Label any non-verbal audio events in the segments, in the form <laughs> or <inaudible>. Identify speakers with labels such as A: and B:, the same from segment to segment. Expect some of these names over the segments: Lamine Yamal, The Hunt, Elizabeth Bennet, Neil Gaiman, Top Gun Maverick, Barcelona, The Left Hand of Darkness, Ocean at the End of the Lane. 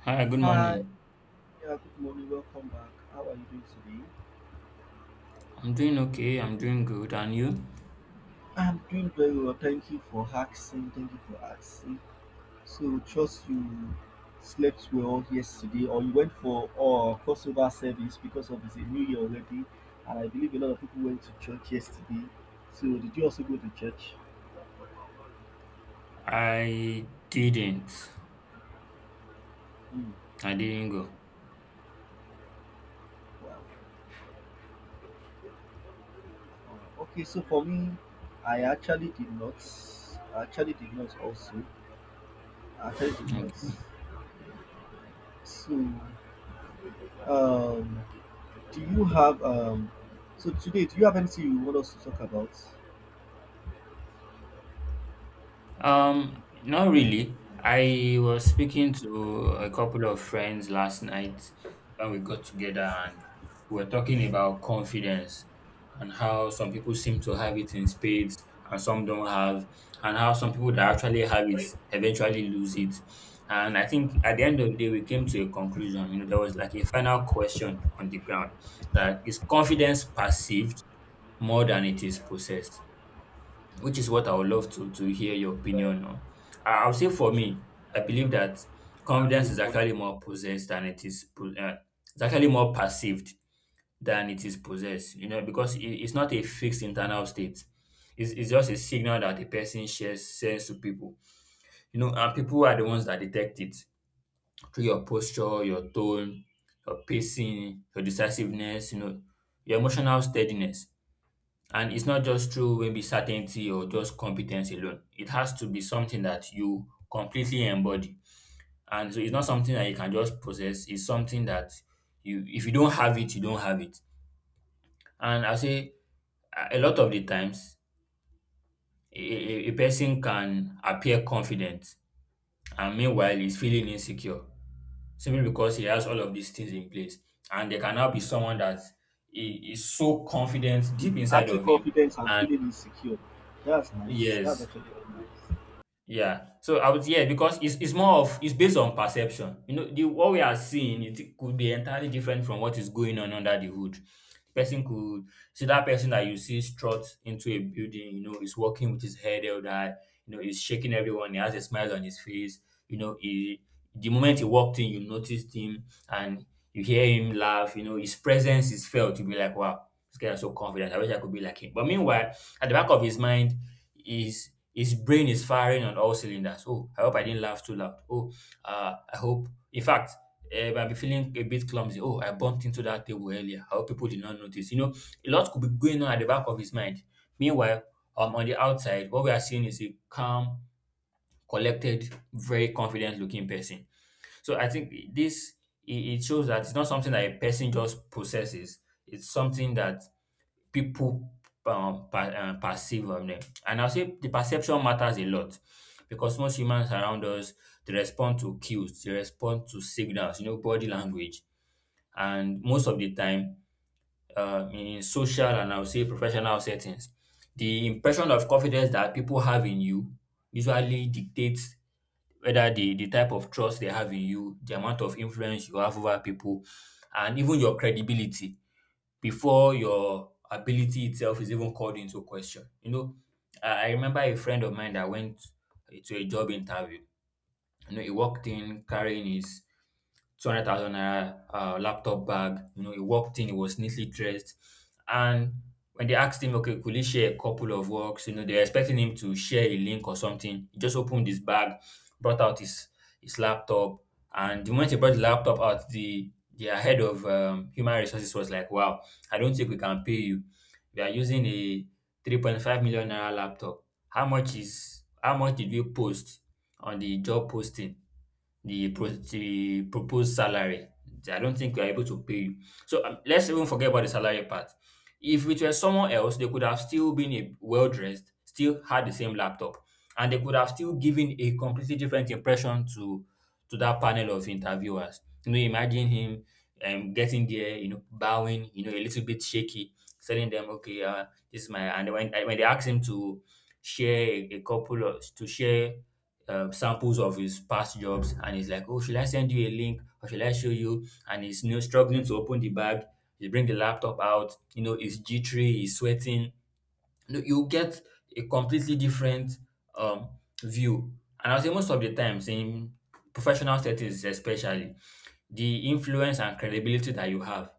A: Hi, good
B: Hi,
A: morning.
B: yeah, good morning, welcome back. How are you doing today?
A: I'm doing okay. I'm doing good. And you?
B: I'm doing very well, thank you for asking, thank you for asking. So, trust you slept well yesterday, or you went for crossover service because of it's a new year already, and I believe a lot of people went to church yesterday. So, did you also go to church?
A: I didn't.
B: Hmm,
A: I didn't go.
B: wow. Okay, so for me, I actually did not. I actually did not also. I actually did
A: Okay.
B: not. So, um, Do you have um? So today, do you have anything you want us to talk about?
A: Not really. I was speaking to a couple of friends last night when we got together and we were talking about confidence and how some people seem to have it in spades and some don't have, and how some people that actually have it eventually lose it. And I think at the end of the day, we came to a conclusion. There was like a final question on the ground that is confidence perceived more than it is possessed? Which is what I would love to hear your opinion on. I'll say for me, I believe that confidence is actually more possessed than it is it's actually more perceived than it is possessed. You know, because it's not a fixed internal state. It's just a signal that a person shares sends to people. You know, and people are the ones that detect it through your posture, your tone, your pacing, your decisiveness. You know, your emotional steadiness, and it's not just through maybe certainty or just competence alone. It has to be something that you completely embody. And so it's not something that you can just possess. It's something that you, if you don't have it, you don't have it. And I say a lot of the times, a person can appear confident and meanwhile is feeling insecure simply because he has all of these things in place. And there can now be someone that is so confident
B: Hmm.
A: deep inside
B: Acting
A: of him.
B: confident and
A: And
B: feeling insecure. That's nice. That's
A: yes,
B: actually very nice.
A: yeah. So I would, yeah, because it's more of it's based on perception. You know, the what we are seeing, it could be entirely different from what is going on under the hood. Person could see that person that you see struts into a building, you know, is walking with his head held high, you know, he's shaking everyone, he has a smile on his face, you know, he the moment he walked in, you noticed him, and you hear him laugh, you know, his presence is felt. You'll be like, wow. This guy is so confident. I wish I could be like him. But meanwhile, at the back of his mind, his brain is firing on all cylinders. Oh, I hope I didn't laugh too loud. Oh, I hope. In fact, I'll be feeling a bit clumsy. Oh, I bumped into that table earlier. I hope people did not notice. You know, a lot could be going on at the back of his mind. Meanwhile, on the outside, what we are seeing is a calm, collected, very confident-looking person. So I think this it shows that it's not something that a person just possesses. It's something that people perceive on them. And I'll say the perception matters a lot because most humans around us, they respond to cues, they respond to signals, you know, body language, and most of the time, in social and I'll say professional settings, the impression of confidence that people have in you usually dictates whether the type of trust they have in you, the amount of influence you have over people, and even your credibility before your ability itself is even called into question. You know, I remember a friend of mine that went to a job interview. You know, he walked in carrying his 200,000 naira laptop bag. You know, he walked in, he was neatly dressed, and when they asked him, okay, could he share a couple of works? You know, they're expecting him to share a link or something. He just opened his bag, brought out his laptop, and the moment he brought the laptop out, the head of human resources was like, "Wow, I don't think we can pay you. We are using a 3.5 million naira laptop. How much is how much did you post on the job posting?" The proposed salary. I don't think we are able to pay you. So let's even forget about the salary part. If it were someone else, they could have still been a well dressed, still had the same laptop, and they could have still given a completely different impression to that panel of interviewers. You know, imagine him getting there, you know, bowing, you know, a little bit shaky, telling them, "Okay, this is my." And when they asked him to share a couple of to share samples of his past jobs, and he's like, oh, should I send you a link or should I show you? And he's, you know, struggling to open the bag. He bring the laptop out, you know, he's jittery, he's sweating. You know, you get a completely different um, view. And I say most of the times in professional settings, especially, the influence and credibility that you have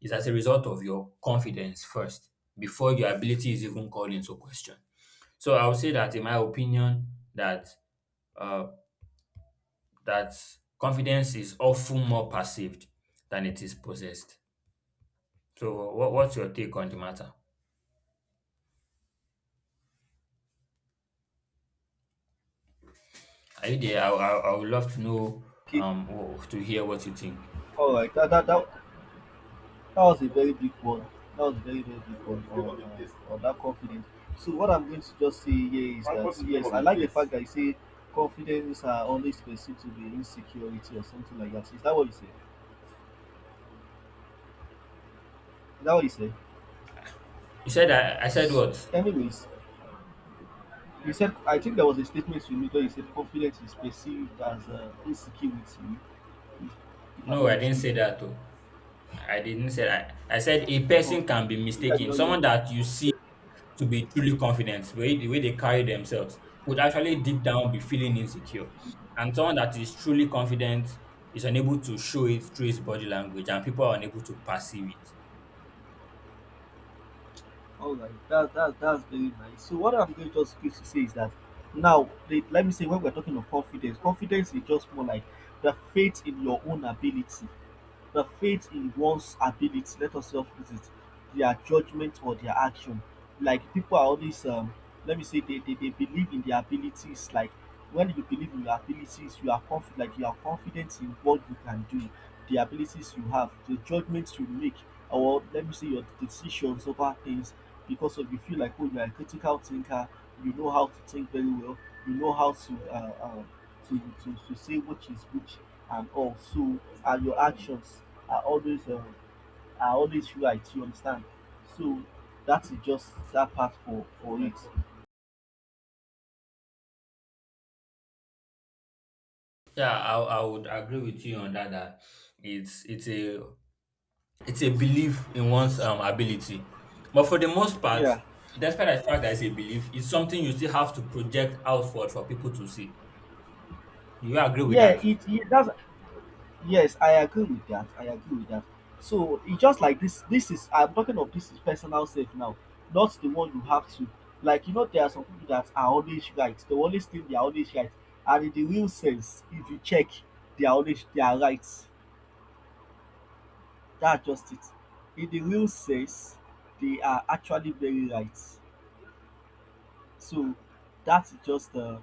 A: is as a result of your confidence first, before your ability is even called into question. So I would say that, in my opinion, that uh, that confidence is often more perceived than it is possessed. So, what's your take on the matter? Are you there? I would love to know,
B: Okay.
A: to hear what you think.
B: All right. That was a very big one. That was a very big one on that confidence. So what I'm going to just say here is that yes, I like the fact that you say confidence are always perceived to be insecurity or something like that. Is that what you say? Is that what you say?
A: You said I said
B: S-
A: what?
B: Anyways, you said, I think there was a statement you made where you said confidence is perceived as insecurity, if, if I'm
A: No,
B: not
A: I didn't say
B: mistaken.
A: that. Though. I didn't say that. I said a person
B: Okay,
A: can be
B: maybe I did
A: mistaken.
B: not hear
A: Someone
B: you.
A: that you see to be truly confident, the way they carry themselves, could actually deep down be feeling insecure. And someone that is truly confident is unable to show it through his body language, and people are unable to perceive it.
B: All right, that's very nice. So, what I'm going just going to say is that now, let me say, when we're talking of confidence, confidence is just more like the faith in your own ability. The faith in one's ability, let us just put it, their judgment or their action. Like people are always let me say they believe in their abilities. Like when you believe in your abilities, you are confident, like you are confident in what you can do, the abilities you have, the judgments you make, or let me say your decisions over things because of you feel like, oh, you are a critical thinker, you know how to think very well, you know how to to say which is which and all. So and your actions are always are always right. You understand? So that is just that part for it.
A: Yeah, I would agree with you on that. That it's a it's a belief in one's ability, but for the most part,
B: Yeah,
A: despite the fact that it's a belief, it's something you still have to project outward for people to see. Do you agree with
B: yeah.
A: that?
B: It that's yes, I agree with that. I agree with that. So it's just like this. This is I'm talking of, this is personal safe now, not the one you have to. Like you know, there are some people that are always right. They always think they are always right, and in the real sense, if you check, they are right. That's just it. In the real sense, they are actually very right. So that's just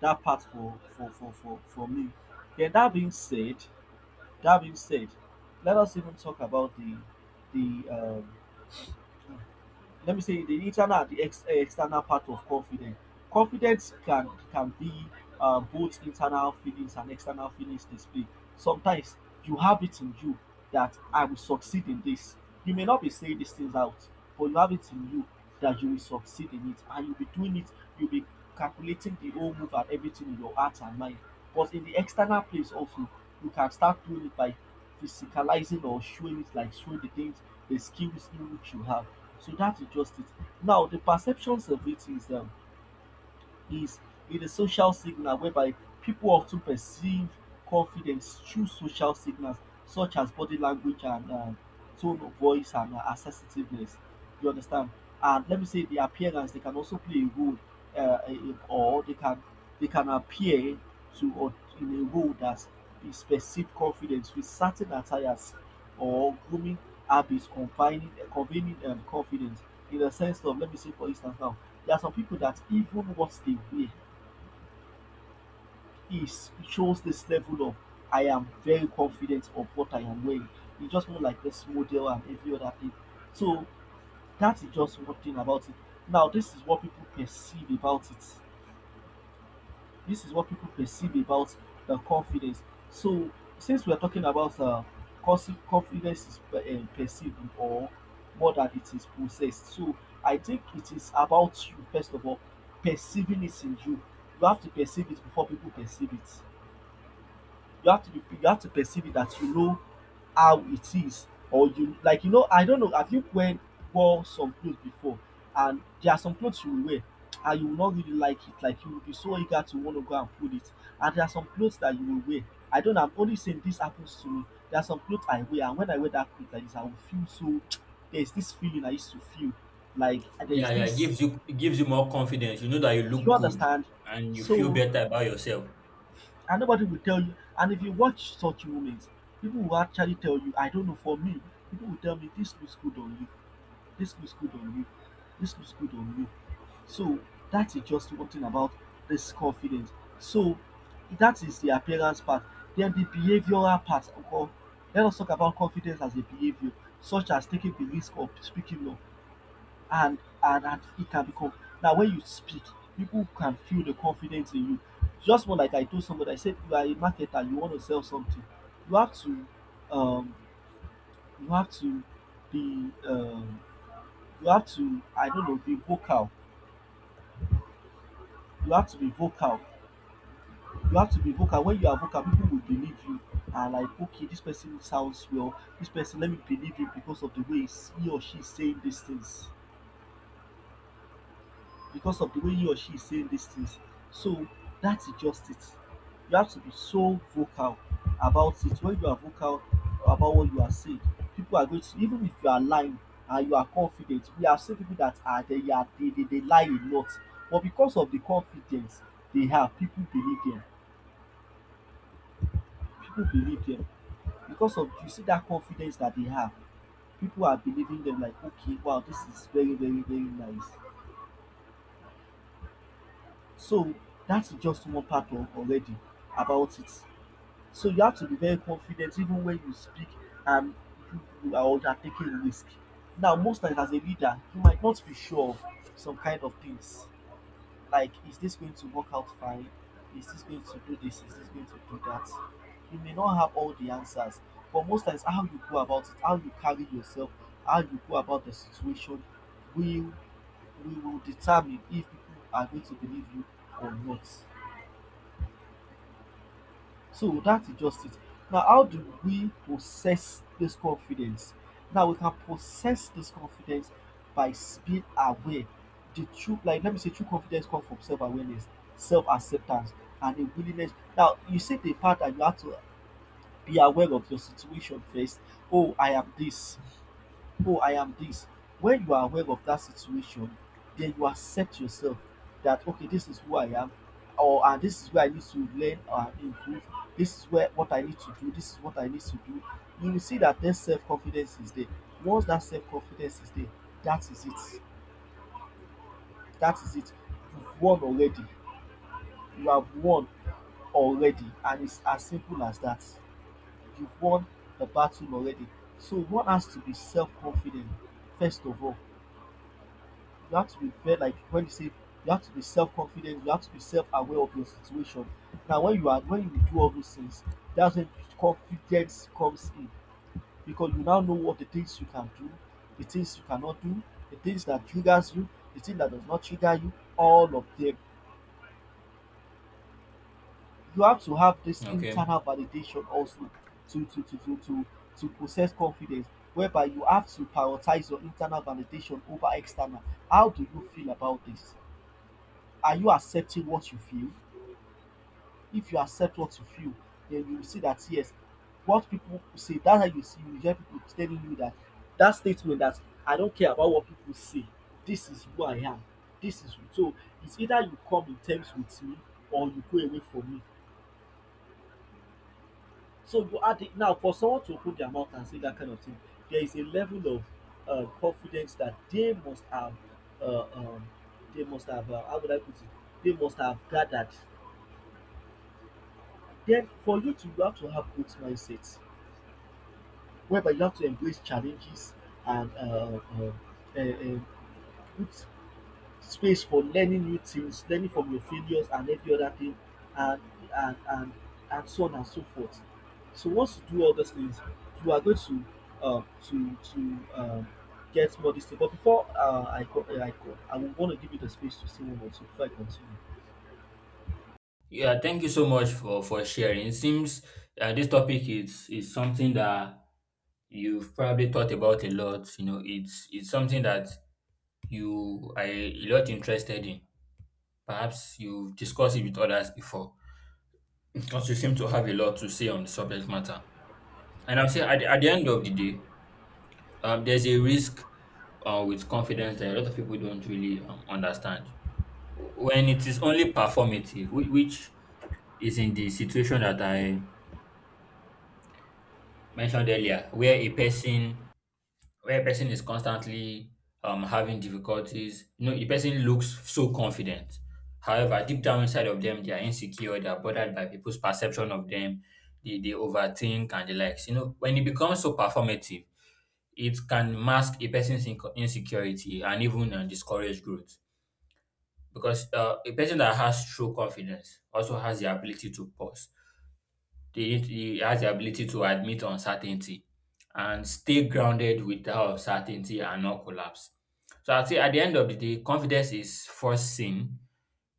B: that part for me. Then that being said, that being said, let us even talk about the let me say the internal and the external part of confidence. Confidence can be both internal feelings and external feelings displayed. Sometimes you have it in you that I will succeed in this. You may not be saying these things out, but you have it in you that you will succeed in it, and you'll be doing it, you'll be calculating the whole move and everything in your heart and mind. But in the external place also, you can start doing it by physicalizing or showing it, like showing the things, the skills in which you have. So that is just it. Now the perceptions of it is is it a social signal, whereby people often perceive confidence through social signals such as body language and tone of voice and assertiveness. You understand? And let me say the appearance, they can also play a role, or they can appear to or in a role that is perceived confidence with certain attires or grooming habits, convening confidence. In the sense of, let me say, for instance now, there are some people that even what they wear is shows this level of I am very confident of what I am wearing. It's just more like this model and every other thing. So that is just one thing about it. Now this is what people perceive about it. This is what people perceive about the confidence. So, since we are talking about confidence is perceived or more than it is possessed, so I think it is about you first of all perceiving it in you. You have to perceive it before people perceive it. You have to perceive it, that you know how it is, or you, like, you know, I don't know, have you when wore some clothes before, and there are some clothes you wear and you will not really like it, like you will be so eager to want to go and put it. And there are some clothes that you will wear, I don't know, I'm only saying this happens to me, there are some clothes I wear, and when I wear that clothes like this, I will feel so <tsk> there's this feeling I used to feel, like there is
A: Yeah, yeah. It
B: this,
A: gives you, it gives you more confidence. You know that you
B: do you
A: look good
B: understand?
A: and you feel
B: So
A: better about yourself.
B: and nobody will tell you. And if you watch such moments, people will actually tell you, I don't know, for me, people will tell me, this looks good on you, this looks good on you, this looks good on you. So that is just one thing about this confidence. So that is the appearance part. Then the behavioral part. Or let us talk about confidence as a behavior, such as taking the risk of speaking up, and it can become, now when you speak, people can feel the confidence in you. Just more like I told somebody, I said, you are a marketer, you want to sell something, you have to um you have to be you have to, I don't know, be vocal. You have to be vocal. You have to be vocal. When you are vocal, people will believe you, and like, okay, this person sounds well, this person, let me believe him, because of the way he or she is saying these things, because of the way he or she is saying these things. So that is just it. You have to be so vocal about it. When you are vocal about what you are saying, people are going to, even if you are lying and you are confident, we have seen people that are they they lie a lot, but because of the confidence they have, people believe them. People believe them because of, you see that confidence that they have. People are believing them, like okay, wow, this is very nice. So that's just one part of already about it. So you have to be very confident even when you speak, and you are undertaking risk. Now most times as a leader, you might not be sure of some kind of things, like is this going to work out fine, is this going to do this, is this going to do that. You may not have all the answers, but most times how you go about it, how you carry yourself, how you go about the situation, will we will determine if people are going to believe you or not. So that is just it. Now, how do we possess this confidence? Now, we can possess this confidence by being aware. The true, like, let me say, true confidence comes from self awareness, self acceptance, and a willingness. Now, you said the part that you have to be aware of your situation first. Oh, I am this oh, I am this. When you are aware of that situation, then you accept yourself, that okay, this is who I am, or and this is where I need to learn or improve. This is where what I need to do, this is what I need to do. You will see that, then self-confidence is there. Once that self-confidence is there, that is it. that is it you've won already. you have won and it's as simple as that. You've won the battle already. So one has to be self-confident first of all. You have to be very, like, when you say you have to be self-confident, you have to be self-aware of your situation. Now when you are, when you do all those things, that's when confidence comes in, because you now know what the things you can do, the things you cannot do, the things that triggers you, the thing that does not trigger you, all of them. You have to have this
A: Okay.
B: internal validation also to to to to to, to possess confidence, whereby you have to prioritize your internal validation over external. How do you feel about this? Are you accepting what you feel? If you accept what you feel, then you will see that yes, what people say, that's how you see, you hear people telling you that, that statement that I don't care about what people say, this is who I am, this is who. So it's either you come in terms with me or you go away from me. So you add it now for someone to open their mouth and say that kind of thing, there is a level of confidence that they must have. uh, um, they must have, how would I put it? They must have gathered. Then for you to, you have to have growth mindset, whereby you have to embrace challenges and, uh, uh, put space for learning new things, learning from your failures and every other thing, and and and and so on and so forth. So once you do all those things, you are going to, uh, to to um, get more this. But before, I will want to give you the space to say one more two before I continue.
A: Yeah. Thank you so much for sharing. It seems this topic is something that you've probably thought about a lot. You know, it's something that you are a lot interested in. Perhaps you've discussed it with others before because you seem to have a lot to say on the subject matter. And I'll say at, at the end of the day, there's a risk with confidence that a lot of people don't really understand. When it is only performative, which is in the situation that I mentioned earlier, where a person is constantly having difficulties. You know, the person looks so confident. However, deep down inside of them, they are insecure, they are bothered by people's perception of them, they overthink and the likes. You know, when it becomes so performative, it can mask a person's insecurity and even discourage growth. Because a person that has true confidence also has the ability to pause. He has the ability to admit uncertainty and stay grounded with that uncertainty and not collapse. So I'd say at the end of the day, confidence is first seen,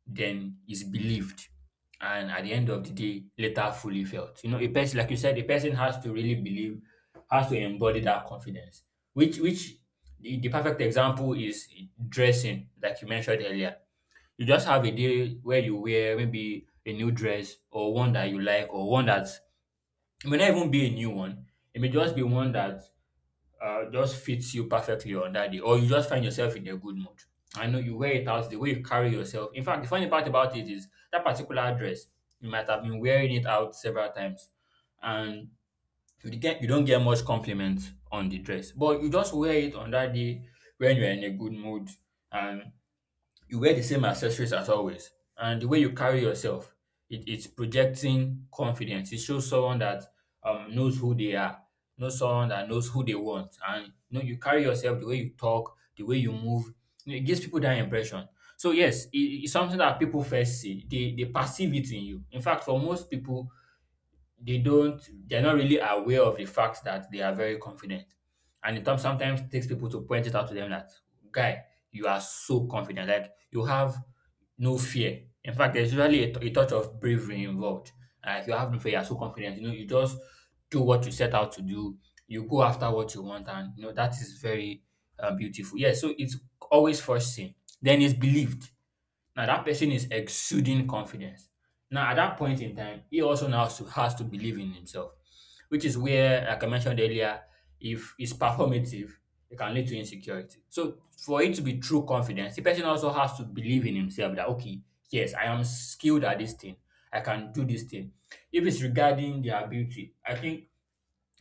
A: then is believed, and at the end of the day, later fully felt. You know, a person, like you said, a person has to really believe, has to embody that confidence. Which, which, the perfect example is dressing, like you mentioned earlier. You just have a day where you wear maybe a new dress or one that you like or one that it may not even be a new one. It may just be one that just fits you perfectly on that day, or you just find yourself in a good mood. I know you wear it out, the way you carry yourself. In fact, the funny part about it is that particular dress, you might have been wearing it out several times, and you don't get much compliment on the dress, but you just wear it on that day when you're in a good mood, and you wear the same accessories as always, and the way you carry yourself, it's projecting confidence. It shows someone that knows who they are, knows someone that knows who they want, and you know, you carry yourself, the way you talk, the way you move. You know, it gives people that impression. So yes, it's something that people first see. They perceive it in you. In fact, for most people, they're not really aware of the fact that they are very confident and sometimes takes people to point it out to them that guy, you are so confident, like you have no fear. In fact, there's usually a touch of bravery involved. Like you have no fear, you're so confident, you know, you just do what you set out to do. You go after what you want, and you know that is very beautiful, yeah. So it's always first seen, then it's believed. Now that person is exuding confidence. Now at that point in time, he also now has to believe in himself, which is where, like I mentioned earlier, if it's performative, it can lead to insecurity. So for it to be true confidence, the person also has to believe in himself that, okay, yes, I am skilled at this thing. I can do this thing. If it's regarding their beauty, I think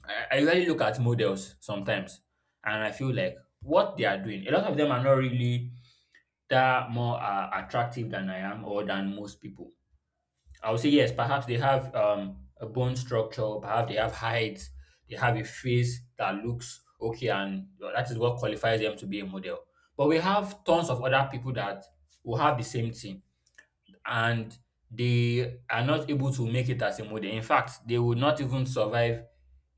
A: I really look at models sometimes and I feel like what they are doing. A lot of them are not really that more attractive than I am or than most people. I would say yes, perhaps they have a bone structure, perhaps they have height, they have a face that looks okay, and well, that is what qualifies them to be a model. But we have tons of other people that will have the same thing and they are not able to make it as a model. In fact, they would not even survive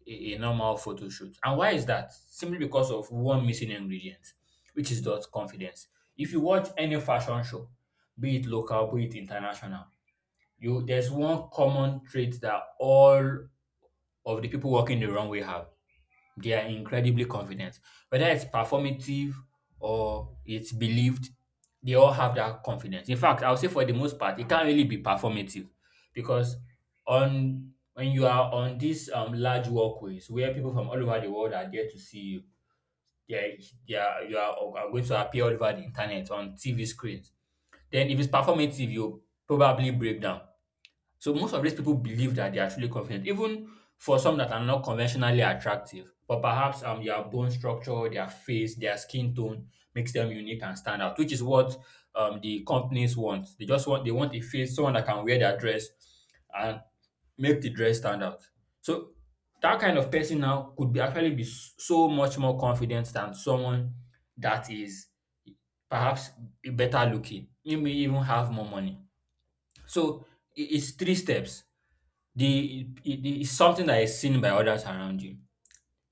A: a normal photo shoot. And why is that? Simply because of one missing ingredient, which is that confidence. If you watch any fashion show, be it local, be it international, you there's one common trait that all of the people walking the runway have. They are incredibly confident. Whether it's performative or it's believed, they all have that confidence. In fact, I'll say for the most part, it can't really be performative because on when you are on these large walkways where people from all over the world are there to see you, they are, they are, you are going to appear all over the internet on TV screens. Then if it's performative, you probably break down. So most of these people believe that they are truly confident, even for some that are not conventionally attractive, but perhaps their bone structure, their face, their skin tone makes them unique and stand out, which is what the companies want. They just want a face, someone that can wear their dress and make the dress stand out. So that kind of person now could be so much more confident than someone that is perhaps better looking, maybe even have more money. So it's three steps. It's something that is seen by others around you.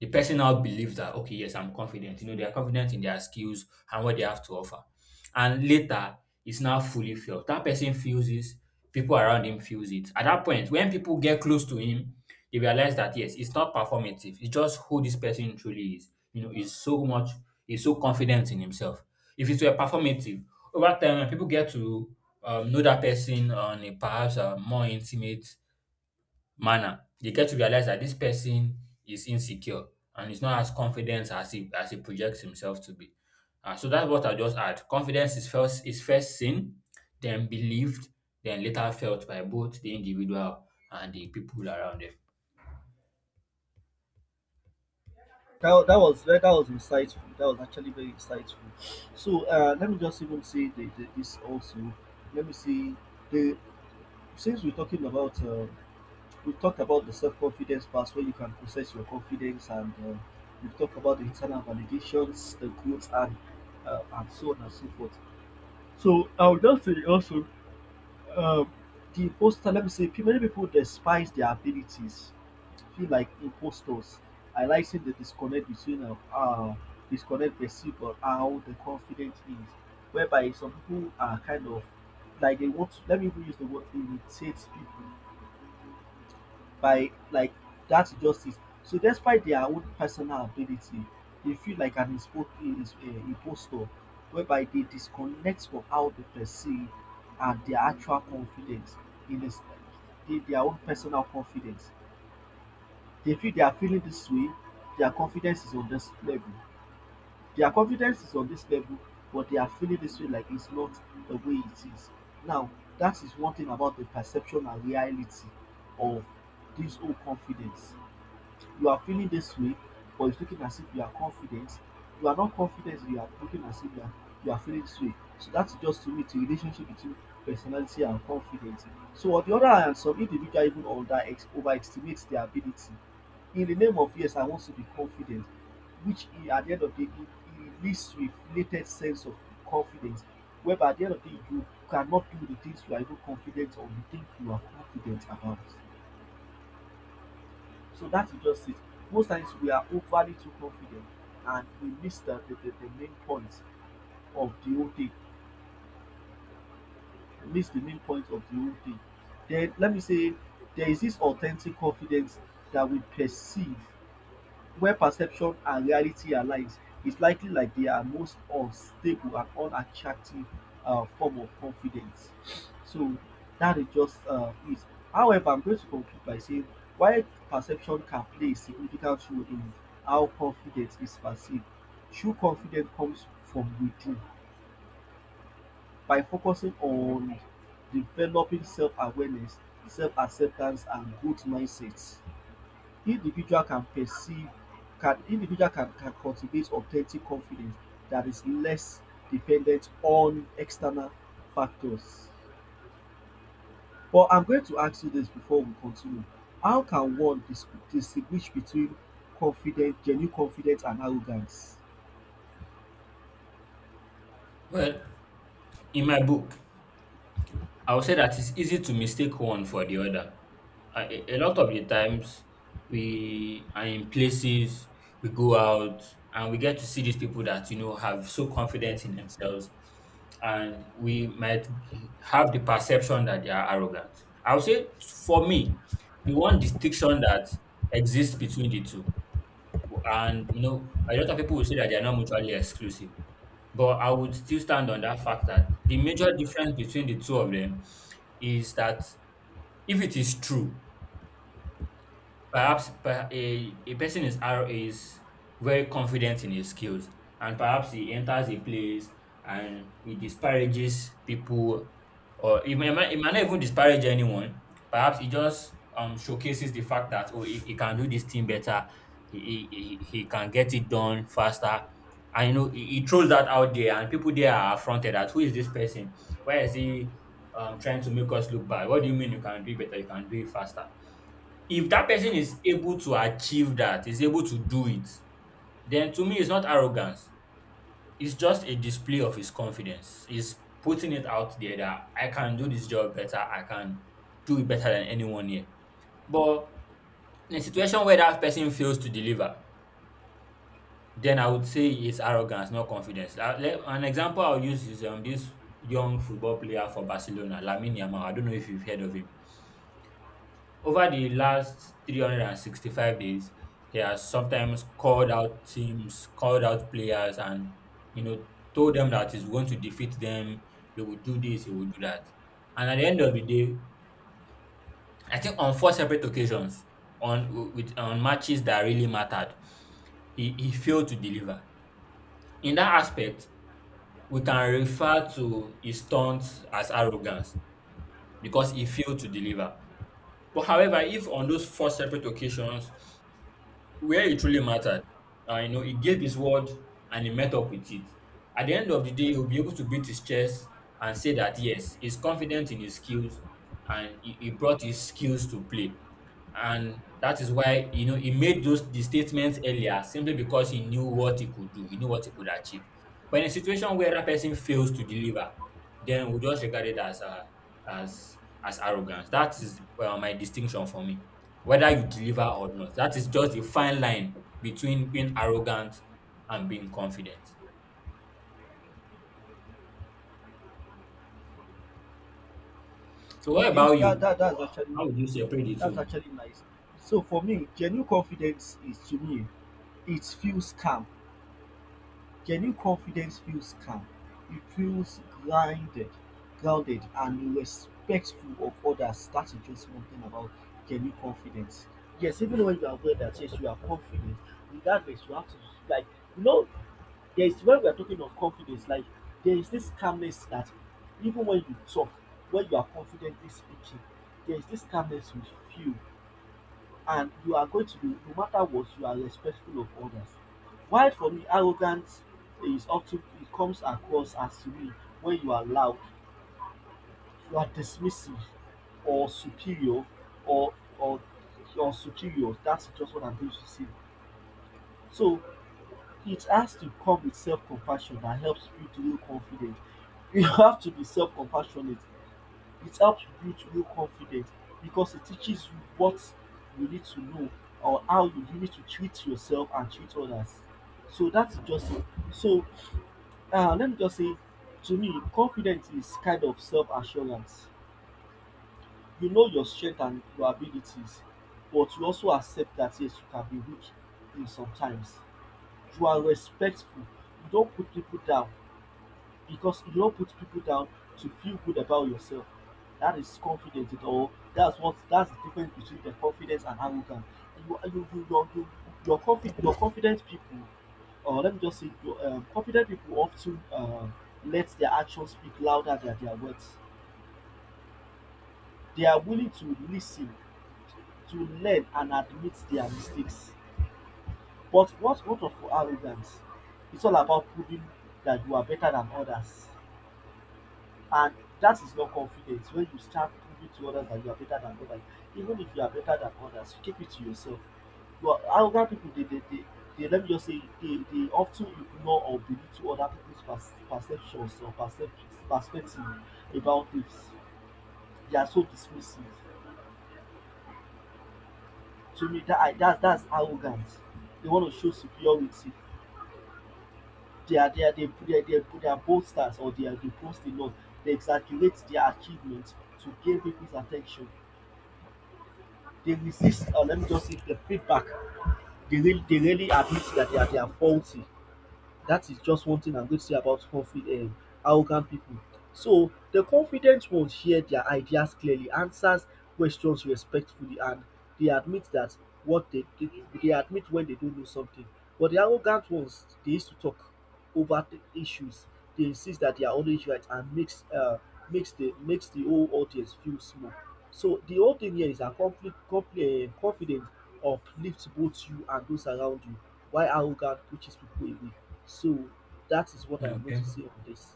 A: The person now believes that, okay, yes, I'm confident. You know, they are confident in their skills and what they have to offer. And later, it's now fully felt. That person feels this. People around him feels it. At that point, when people get close to him, they realize that yes, it's not performative. It's just who this person truly is. You know, he's so confident in himself. If it's were performative, over time, when people get to know that person on a perhaps more intimate manner, they get to realize that this person is insecure and is not as confident as he projects himself to be. So that's what I just add. Confidence is first seen, then believed, then later felt by both the individual and the people around them.
B: That was insightful. That was actually very insightful. So let me just even say this also. Let me see, the, since we're talking about, we talked about the self confidence part where you can process your confidence and, we've talked about the internal validations, the growth, and so on and so forth. So I'll just say also, uh, the imposter, let me say, many people despise their abilities, feel like imposters, highlighting the disconnect between, disconnect perceived or how the confident is, whereby some people are kind of like they want to, let me even use the word irritate people by like that justice. So despite their own personal ability, they feel like an impostor, whereby they disconnect from how they perceive and their actual confidence in this, in their own personal confidence. They feel, they are feeling this way, their confidence is on this level. Their confidence is on this level, but they are feeling this way like it's not the way it is. Now, that is one thing about the perception and reality of this whole confidence. You are feeling this way, but it's looking as if you are confident. You are not confident, you are looking as if you are, you are feeling this way. So that's just, to me, the relationship between personality and confidence. So on the other hand, some individual even under ex overestimate their ability in the name of yes, I want to be confident, which e at the end of the day e e leads to a inflated sense of confidence whereby at the end of the day you cannot do the things you are even confident or you think you are confident about. So that is just it. Most times we are overly too confident and we miss the main point of the whole thing. We miss the main point of the whole thing. Then let me say there is this authentic confidence that we perceive where perception and reality aligns, is likely like they are most unstable and unattractive form of confidence. So that is just, it. However, I'm going to conclude by saying why perception can play a significant role in how confidence is perceived. True confidence comes from within. By focusing on developing self awareness, self acceptance, and growth mindsets, individual can perceive, can individual can cultivate authentic confidence that is less dependent on external factors. But I'm going to ask you this before we continue. How can one distinguish between confident, genuine confidence and arrogance?
A: Well, in my book, I would say that it's easy to mistake one for the other. A lot of the times we are in places, we go out, and we get to see these people that you know have so confidence in themselves, and we might have the perception that they are arrogant. I would say for me, the one distinction that exists between the two, and you know, a lot of people will say that they are not mutually exclusive. But I would still stand on that fact that the major difference between the two of them is that if it is true, perhaps a person is very confident in his skills, and perhaps he enters a place and he disparages people, or he might not even disparage anyone. Perhaps he just showcases the fact that, oh, he can do this thing better, he can get it done faster, and you know he throws that out there, and people there are affronted at, who is this person? Why is he trying to make us look bad? What do you mean you can do it better? You can do it faster? If that person is able to achieve that, is able to do it, then to me it's not arrogance. It's just a display of his confidence. He's putting it out there that I can do this job better, I can do it better than anyone here. But in a situation where that person fails to deliver, then I would say it's arrogance, not confidence. An example I'll use is this young football player for Barcelona, Lamine Yamal. I don't know if you've heard of him. Over the last 365 days, he has sometimes called out teams, called out players, and you know, told them that he's going to defeat them, he will do this, he will do that. And at the end of the day, I think on four separate occasions, on matches that really mattered, he failed to deliver. In that aspect, we can refer to his taunts as arrogance because he failed to deliver. But however, if on those four separate occasions where it truly mattered. You know, he gave his word and he met up with it. At the end of the day, he'll be able to beat his chest and say that yes, he's confident in his skills and he brought his skills to play. And that is why you know he made those the statements earlier simply because he knew what he could do, he knew what he could achieve. But in a situation where that person fails to deliver, then we just regard it as as as arrogance. That is, well, my distinction for me, whether you deliver or not. That is just a fine line between being arrogant and being confident. So what
B: Okay,
A: about you?
B: that's actually,
A: How would you separate the
B: that's
A: two?
B: actually nice. So for me, genuine confidence is, to me, it feels calm. Genuine confidence feels calm, it feels grounded, grounded and respectful of others. That is just one thing about genuine confidence. Yes, even when you are aware that yes, you are confident, regardless, you have to, like, you know, there is, when we are talking of confidence, like there is this calmness that even when you talk, when you are confidently speaking, there is this calmness you feel, and you are going to be, no matter what, you are respectful of others. While for me arrogance is of ten, it comes across as mean when you are loud, you are dismissive or superior, or or or superior. That's just what I'm going to say. So it has to come with self-compassion that helps build real confidence. You <laughs> have to be self-compassionate. It helps build real confidence because it teaches you what you need to know or how you need to treat yourself and treat others. So that is just it. So, ah, let me just say, to me confidence is kind of self assurance. You know your strength and your abilities, but you also accept that yes, you can be weak in sometimes. You are respectful, you don put pipu down because you don't put people down to feel good about yourself. That is confidence at all. That's what, that's the difference between the confidence and arrogance. You you you you you, your confident people, or let me just say your, confident people often, let their actions speak louder than their words. They are willing to listen, to learn and admit their mistakes. But what's, what of arrogance? It's all about proving that you are better than others, and that is not confidence. When you start proving to others that you are better than others, even if you are better than others, you keep it to yourself. But arrogant people dey dey dey dey let me just say dey dey of ten ignore or belittle other people's pers perceptions or percep perspective about things. They are so dismissive, to me that, I that that's arrogance. They want to show superiority. They are boasters, or they are, they boast a lot. They exaggerate their achievement to gain people's at ten tion. They resist, or let me just say, the feedback. They really admit that they are faulty. That is just one thing I'm going to say about confident, arrogant people. So the confident ones share their ideas clearly, answers questions respectfully, and they admit that what they they, they admit when they don't know something. But the arrogant ones, they used to talk over the issues. They insist that they are always right and makes, makes the, makes the whole audience feel small. So the whole thing here is that conflict conflict confidence uplifts both you and those around you, while arrogance pushes people away. So that is what I'm going to
A: Okay.
B: say on this.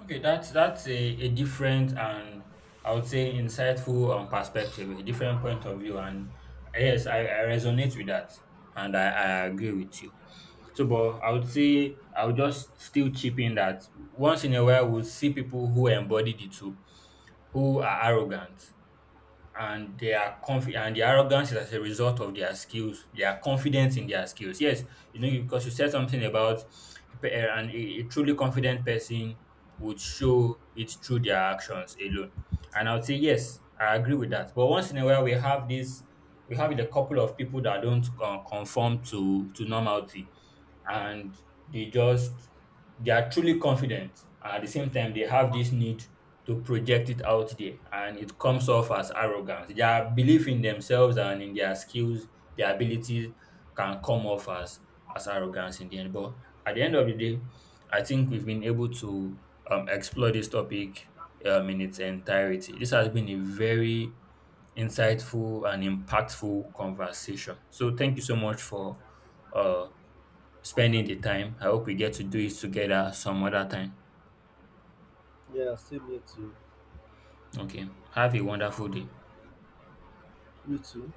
A: Okay, that's a different and I would say insightful perspective, a different point of view. And yes, I resonate with that and I agree with you. So but I would say I would just still chip in that once in a while we'll see people who embody the two, who are arrogant and they are confi and their arrogance is as a result of their skills. They are confident in their skills. Yes, you know, because you said something about pe- eh, and a truly confident person would show it through their actions alone. And I would say yes, I agree with that. But once in a while, we have this, we have a couple of people that don't conform to normality, and they just, they are truly confident, and at the same time they have this need to project it out there, and it comes off as arrogance. Their belief in themselves and in their skills, their abilities, can come off as arrogance in the end. But at the end of the day, I think we've been able to explore this topic in its entirety. This has been a very insightful and impactful conversation, so thank you so much for uh, spending the time. I hope we get to do it together some other time.
B: Yeah, same here too.
A: Okay. Have a wonderful day.
B: You too.